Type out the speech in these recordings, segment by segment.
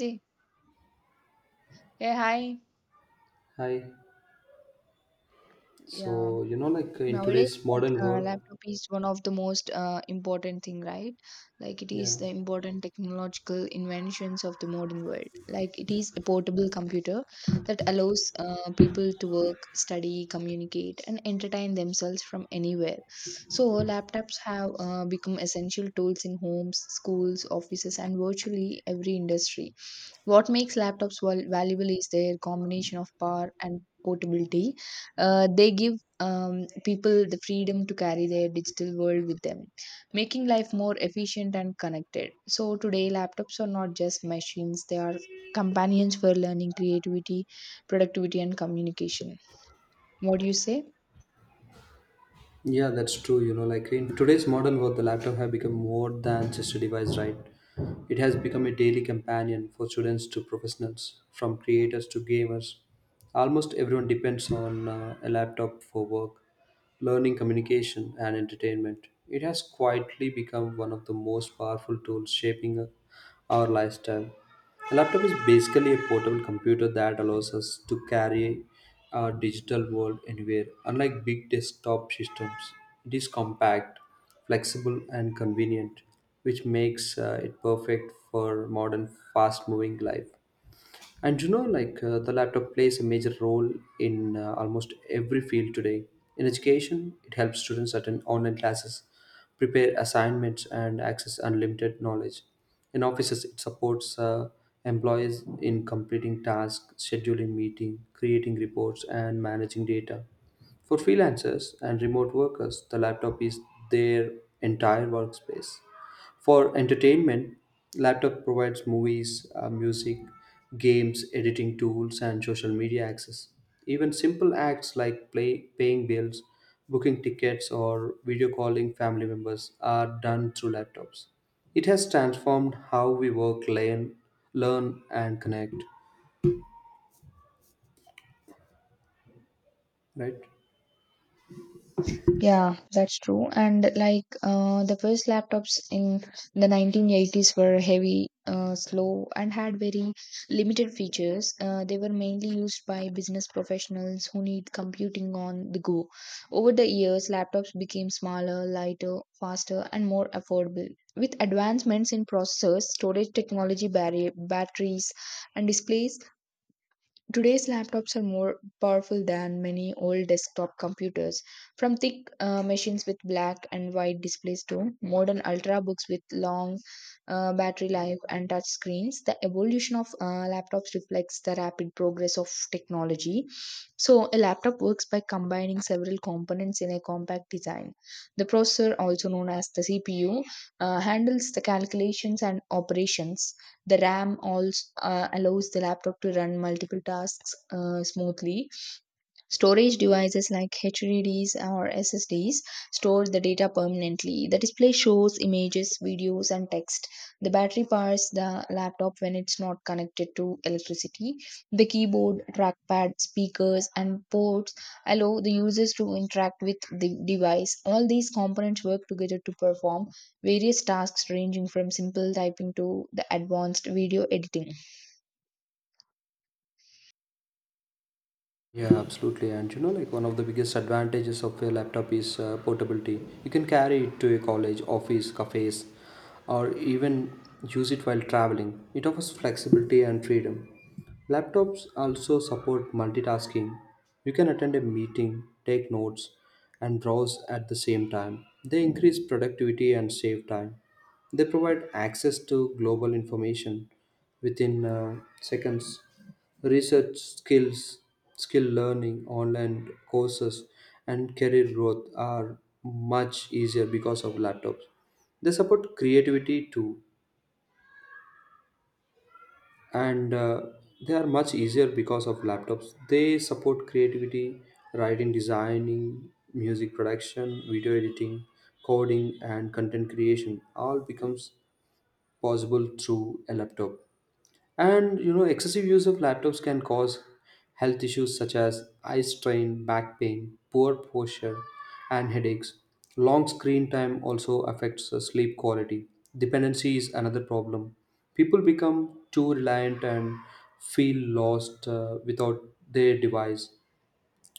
Hey, hey, hi. Hi. Yeah. So, you know, like in Nowadays, today's modern world, laptop is one of the most important thing, right? Like it is yeah, the important technological inventions of the modern world. Like it is a portable computer that allows people to work, study, communicate, and entertain themselves from anywhere. So laptops have become essential tools in homes, schools, offices, and virtually every industry. What makes laptops valuable is their combination of power and portability. They give people the freedom to carry their digital world with them, making life more efficient and connected. So, today, laptops are not just machines, they are companions for learning, creativity, productivity, and communication. What do you say? yeah, that's true. You know, like in today's modern world, the laptop has become more than just a device, right? It has become a daily companion for students to professionals, from creators to gamers. Almost everyone depends on a laptop for work, learning, communication, and entertainment. It has quietly become one of the most powerful tools shaping our lifestyle. A laptop is basically a portable computer that allows us to carry our digital world anywhere. Unlike big desktop systems, it is compact, flexible, and convenient, which makes it perfect for modern, fast moving life. And you know, like the laptop plays a major role in almost every field today. In education, it helps students attend online classes, prepare assignments, and access unlimited knowledge. In offices, it supports employees in completing tasks, scheduling meetings, creating reports, and managing data. For freelancers and remote workers, the laptop is their entire workspace. For entertainment, laptop provides movies, music, games, editing tools, and social media access. Even simple acts like play, paying bills, booking tickets, or video calling family members are done through laptops. It has transformed how we work, learn and connect, right? Yeah, that's true. And the first laptops in the 1980s were heavy, slow, and had very limited features. They were mainly used by business professionals who need computing on the go. Over the years, laptops became smaller, lighter, faster, and more affordable. With advancements in processors, storage technology, batteries, and displays, today's laptops are more powerful than many old desktop computers, from thick machines with black and white displays to modern ultrabooks with long battery life and touch screens. The evolution of laptops reflects the rapid progress of technology. So, a laptop works by combining several components in a compact design. The processor, also known as the CPU, handles the calculations and operations. The RAM also allows the laptop to run multiple tasks smoothly. Storage devices like HDDs or SSDs store the data permanently. The display shows images, videos, and text. The battery powers the laptop when it's not connected to electricity. The keyboard, trackpad, speakers, and ports allow the users to interact with the device. All these components work together to perform various tasks ranging from simple typing to the advanced video editing. Yeah, absolutely. And you know, like one of the biggest advantages of a laptop is portability. You can carry it to a college, office, cafes, or even use it while traveling. It offers flexibility and freedom. Laptops also support multitasking. You can attend a meeting, take notes, and browse at the same time. They increase productivity and save time. They provide access to global information within seconds. Research skills, skill learning, online courses, and career growth are much easier because of laptops. They support creativity too, and they are much easier because of laptops. They support creativity, writing, designing, music production, video editing, coding, and content creation. All becomes possible through a laptop. And you know, excessive use of laptops can cause health issues such as eye strain, back pain, poor posture, and headaches. Long screen time also affects sleep quality. Dependency is another problem. People become too reliant and feel lost without their device.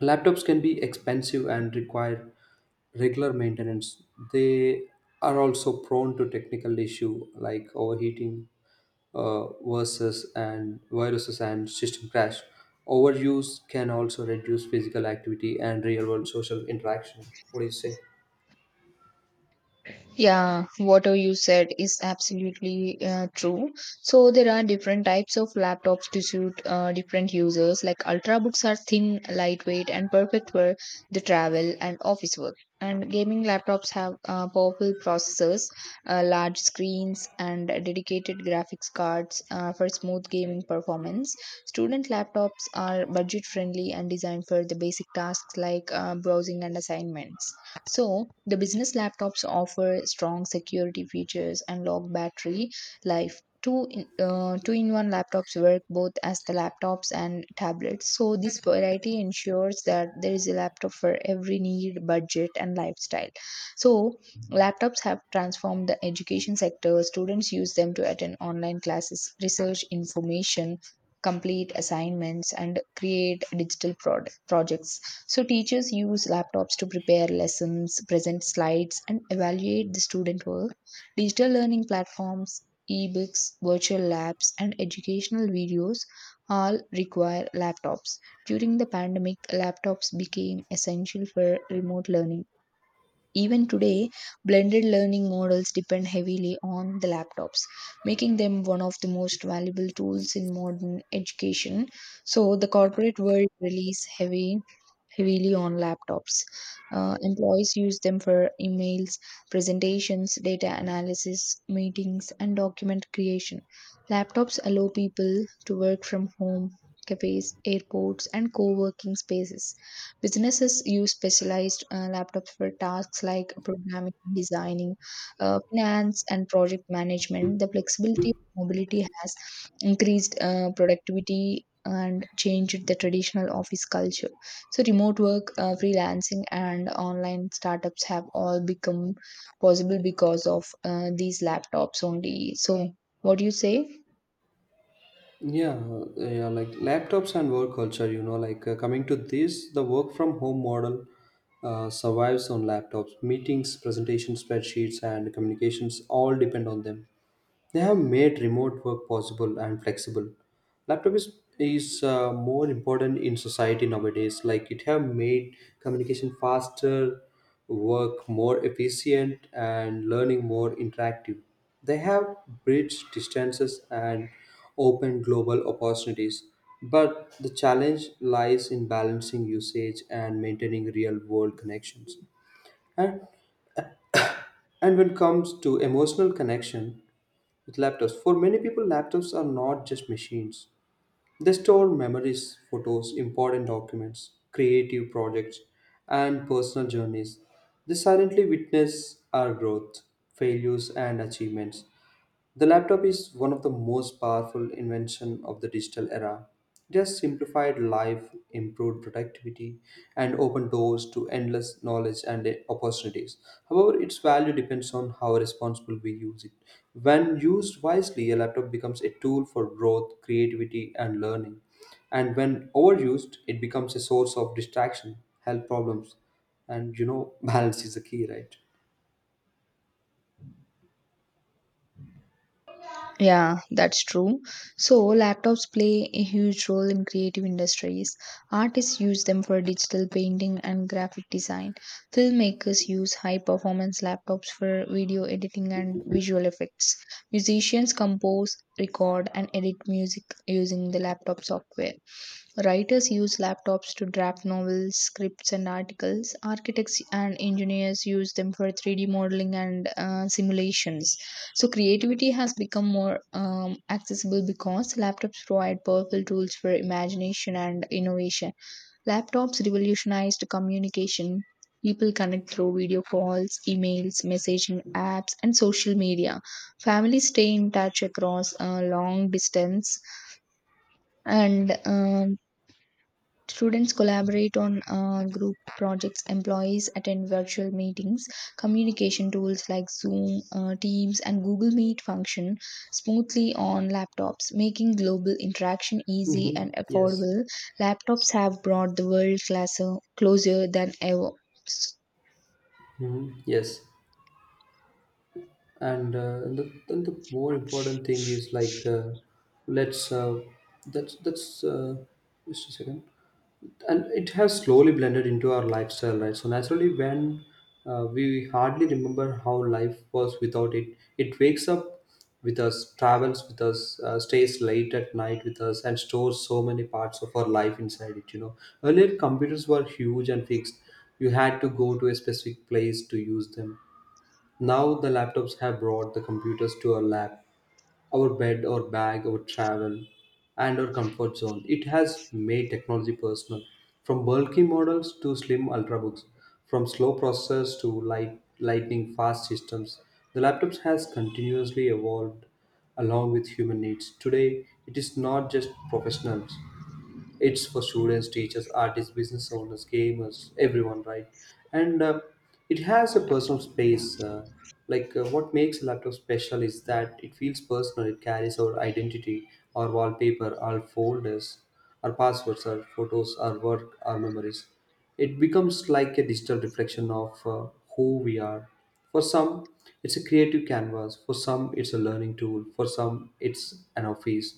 Laptops can be expensive and require regular maintenance. They are also prone to technical issue like overheating versus and viruses and system crash. Overuse can also reduce physical activity and real-world social interaction. What do you say? Yeah, what you said is absolutely true. So there are different types of laptops to suit different users. Like ultrabooks are thin, lightweight, and perfect for the travel and office work. And gaming laptops have powerful processors, large screens, and dedicated graphics cards for smooth gaming performance. Student laptops are budget friendly and designed for the basic tasks like browsing and assignments. So, the business laptops offer strong security features and long battery life. Two in one laptops work both as the laptops and tablets. So, this variety ensures that there is a laptop for every need, budget, and lifestyle. So, laptops have transformed the education sector. Students use them to attend online classes, research information, complete assignments, and create digital projects. So teachers use laptops to prepare lessons, present slides, and evaluate the student work. Digital learning platforms, ebooks, virtual labs, and educational videos all require laptops. During the pandemic, laptops became essential for remote learning. Even today, blended learning models depend heavily on the laptops, making them one of the most valuable tools in modern education. So, the corporate world relies heavily on laptops. Employees use them for emails, presentations, data analysis, meetings, and document creation. Laptops allow people to work from home, cafes, airports, and co working spaces. Businesses use specialized laptops for tasks like programming, designing, finance, and project management. The flexibility of mobility has increased productivity and changed the traditional office culture. So, remote work, freelancing, and online startups have all become possible because of these laptops only. So, what do you say? Yeah, yeah, like laptops and work culture, you know, like coming to this, the work from home model survives on laptops. Meetings, presentations, spreadsheets, and communications all depend on them. They have made remote work possible and flexible. Laptop is more important in society nowadays. Like it have made communication faster, work more efficient, and learning more interactive. They have bridged distances and opened global opportunities. But the challenge lies in balancing usage and maintaining real world connections. And, and when it comes to emotional connection with laptops, for many people laptops are not just machines. They store memories, photos, important documents, creative projects, and personal journeys. They silently witness our growth, failures, and achievements. The laptop is one of the most powerful invention of the digital era. It has simplified life, improved productivity, and opened doors to endless knowledge and opportunities. However, its value depends on how responsible we use it. When used wisely, a laptop becomes a tool for growth, creativity, and learning. And when overused, it becomes a source of distraction, health problems, and you know, balance is the key, right? Yeah, that's true. So, laptops play a huge role in creative industries. Artists use them for digital painting and graphic design. Filmmakers use high performance laptops for video editing and visual effects. Musicians compose, record, and edit music using the laptop software. Writers use laptops to draft novels, scripts, and articles. Architects and engineers use them for 3D modeling and simulations. So, creativity has become more accessible because laptops provide powerful tools for imagination and innovation. Laptops revolutionized communication. People connect through video calls, emails, messaging apps, and social media. Families stay in touch across long distance and students collaborate on group projects, employees attend virtual meetings, communication tools like Zoom, Teams, and Google Meet function smoothly on laptops, making global interaction easy Mm-hmm. and Yes. affordable. Laptops have brought the world closer than ever. Mm-hmm. Yes. Then the more important thing is like let's that's just a second and it has slowly blended into our lifestyle, right? So naturally, when we hardly remember how life was without it. It wakes up with us, travels with us, stays late at night with us, and stores so many parts of our life inside it, you know. Earlier computers were huge and fixed. You had to go to a specific place to use them. Now the laptops have brought the computers to our lap, our bed, our bag, our travel, and our comfort zone. It has made technology personal, from bulky models to slim ultrabooks, from slow processors to lightning fast systems. The laptops has continuously evolved along with human needs. Today, it is not just professionals, it's for students, teachers, artists, business owners, gamers, everyone, right? and it has a personal space. Like what makes a laptop special is that it feels personal. It carries our identity, our wallpaper, our folders, our passwords, our photos, our work, our memories. It becomes like a digital reflection of who we are. For some, it's a creative canvas, for some it's a learning tool, for some it's an office,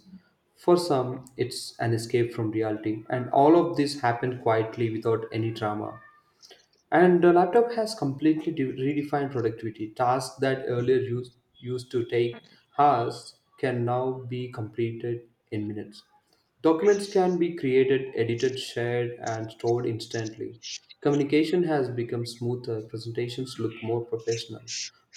for some, it's an escape from reality, and all of this happened quietly without any drama. And the laptop has completely redefined productivity. Tasks that earlier used to take hours can now be completed in minutes. Documents can be created, edited, shared, and stored instantly. Communication has become smoother, presentations look more professional.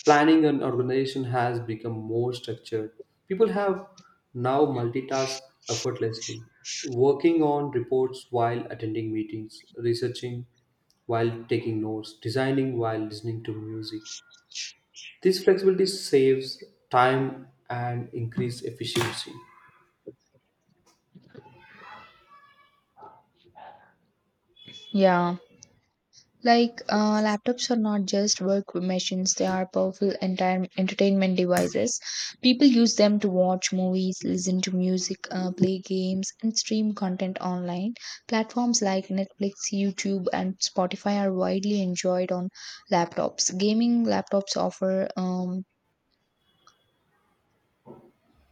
Planning and organization has become more structured. People have now multitask effortlessly, working on reports while attending meetings, researching while taking notes, designing while listening to music. This flexibility saves time and increase efficiency. Yeah. Laptops are not just work machines, they are powerful entire entertainment devices. People use them to watch movies, listen to music, play games, and stream content online. Platforms like Netflix, YouTube, and Spotify are widely enjoyed on laptops. Gaming laptops offer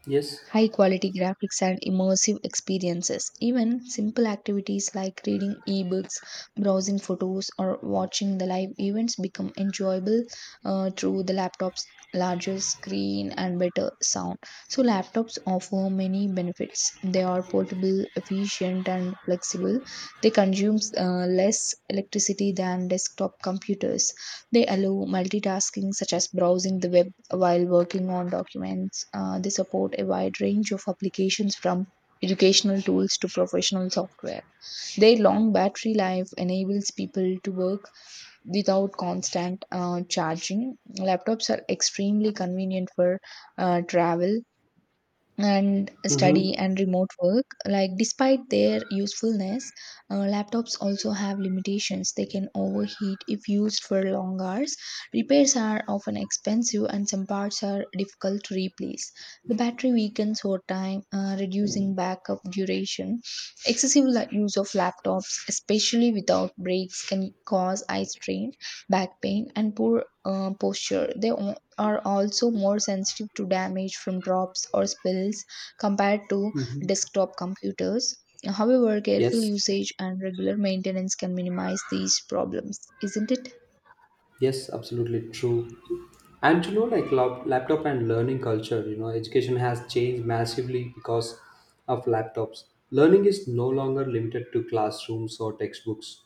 Yes. high quality graphics and immersive experiences. Even simple activities like reading ebooks, browsing photos, or watching the live events become enjoyable through the laptop's larger screen and better sound. So, laptops offer many benefits. They are portable, efficient, and flexible. They consume less electricity than desktop computers. They allow multitasking, such as browsing the web while working on documents. They support a wide range of applications from educational tools to professional software. Their long battery life enables people to work without constant charging. Laptops are extremely convenient for travel and Mm-hmm. study and remote work. Like despite their usefulness, laptops also have limitations. They can overheat if used for long hours. Repairs are often expensive and some parts are difficult to replace. The battery weakens over time, reducing backup duration. Excessive use of laptops especially without breaks can cause eye strain, back pain, and poor posture. They are also more sensitive to damage from drops or spills compared to Mm-hmm. desktop computers. However, careful Yes, usage and regular maintenance can minimize these problems, isn't it? yes, absolutely true. And you know, like laptop and learning culture, you know, education has changed massively because of laptops. Learning is no longer limited to classrooms or textbooks.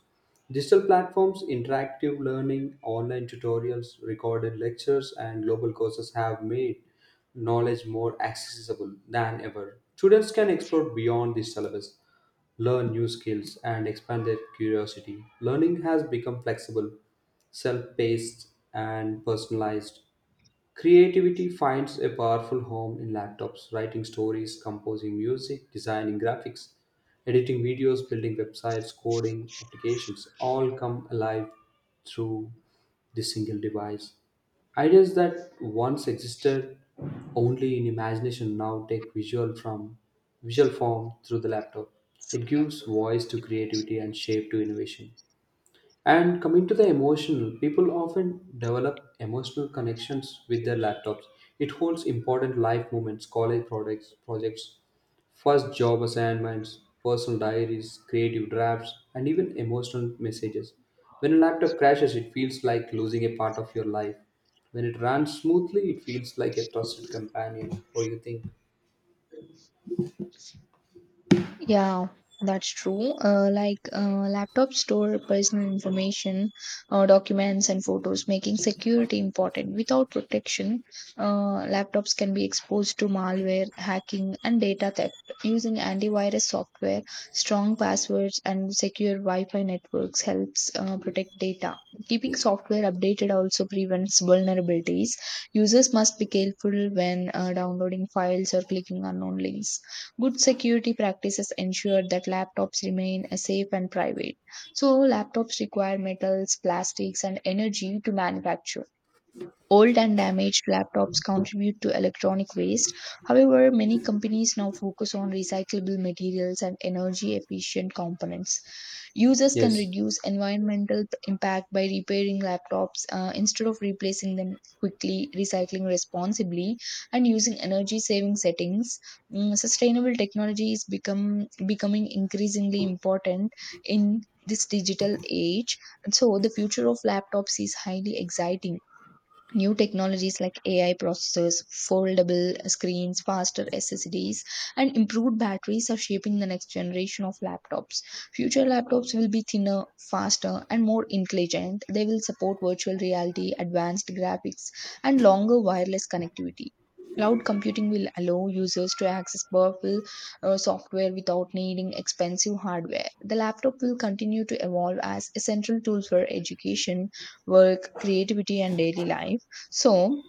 Digital platforms, interactive learning, online tutorials, recorded lectures, and global courses have made knowledge more accessible than ever. Students can explore beyond the syllabus, learn new skills, and expand their curiosity. Learning has become flexible, self-paced, and personalized. Creativity finds a powerful home in laptops, writing stories, composing music, designing graphics, editing videos, building websites, coding applications, all come alive through this single device. Ideas that once existed only in imagination now take visual form through the laptop. It gives voice to creativity and shape to innovation. And coming to the emotional, people often develop emotional connections with their laptops. It holds important life moments, college products, projects, first job assignments, personal diaries, creative drafts, and even emotional messages. When a laptop crashes, it feels like losing a part of your life. When it runs smoothly, it feels like a trusted companion. What do you think? Yeah, that's true. Laptops store personal information, documents, and photos, making security important. Without protection, laptops can be exposed to malware, hacking, and data theft. Using antivirus software, strong passwords, and secure Wi-Fi networks helps protect data. Keeping software updated also prevents vulnerabilities. Users must be careful when downloading files or clicking unknown links. Good security practices ensure that laptops remain safe and private. So, laptops require metals, plastics, and energy to manufacture. Old and damaged laptops contribute to electronic waste. However, many companies now focus on recyclable materials and energy efficient components. Users can Yes. reduce environmental impact by repairing laptops instead of replacing them quickly, recycling responsibly, and using energy saving settings. Sustainable technology is becoming increasingly important in this digital age. And so, the future of laptops is highly exciting. New technologies like AI processors, foldable screens, faster SSDs, and improved batteries are shaping the next generation of laptops. Future laptops will be thinner, faster, and more intelligent. They will support virtual reality, advanced graphics, and longer wireless connectivity. Cloud computing will allow users to access powerful software without needing expensive hardware. The laptop will continue to evolve as essential tools for education, work, creativity, and daily life. So,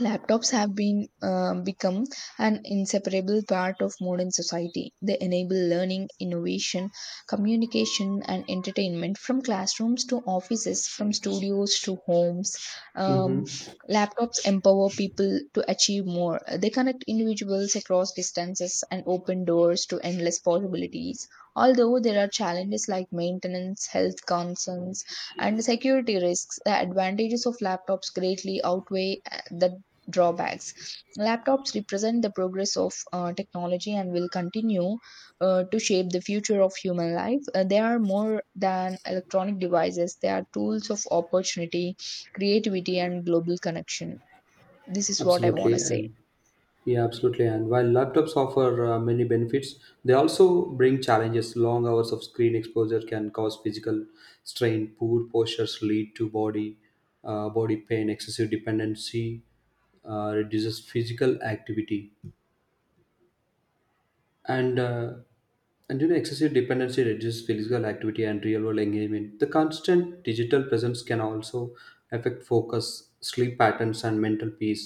laptops have been become an inseparable part of modern society. They enable learning, innovation, communication, and entertainment from classrooms to offices, from studios to homes. Um, Mm-hmm. laptops empower people to achieve more. They connect individuals across distances and open doors to endless possibilities. Although there are challenges like maintenance, health concerns, and security risks, the advantages of laptops greatly outweigh the drawbacks. Laptops represent the progress of technology and will continue to shape the future of human life. They are more than electronic devices, they are tools of opportunity, creativity, and global connection. This is what I want Absolutely. to say. And Yeah, absolutely. And while laptops offer many benefits, they also bring challenges. Long hours of screen exposure can cause physical strain. Poor postures lead to body pain. Excessive dependency reduces physical activity. And uh, and you know, excessive dependency reduces physical activity and real world engagement. The constant digital presence can also affect focus, sleep patterns, and mental peace.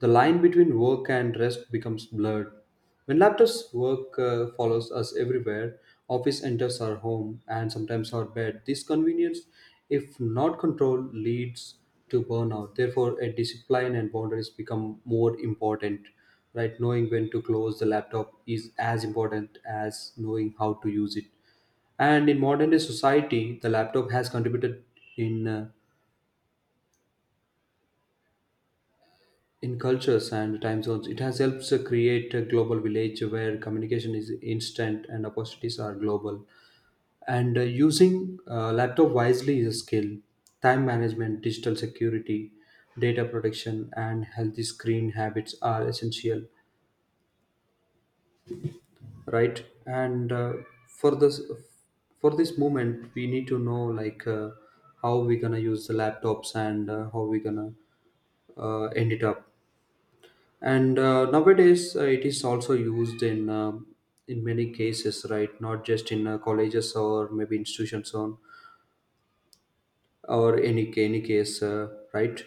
The line between work and rest becomes blurred. When laptops work follows us everywhere, office enters our home and sometimes our bed. This convenience, if not controlled, leads to burnout. Therefore a discipline and boundaries become more important, right? Knowing when to close the laptop is as important as knowing how to use it. And in modern day society, the laptop has contributed in uh, in cultures and time zones. It has helped create a global village where communication is instant and opportunities are global. And using laptop wisely is a skill. Time management, digital security, data protection, and healthy screen habits are essential, right? and for this for this moment, we need to know like how we gonna use the laptops and how we gonna end it up. And nowadays, it is also used in many cases, right? Not just in colleges or maybe institutions on or any case, right.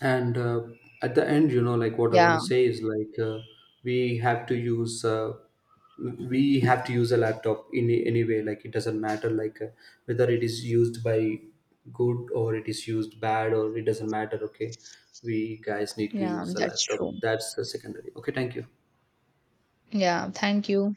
and at the end, you know, like what I want Yeah, to say is like we have to use uh, we have to use a laptop in any way. Like it doesn't matter, like whether it is used by good or it is used bad, or it doesn't matter, okay? We guys need to yeah, use the that's laptop, true. that's the secondary. Okay, thank you. Yeah, thank you.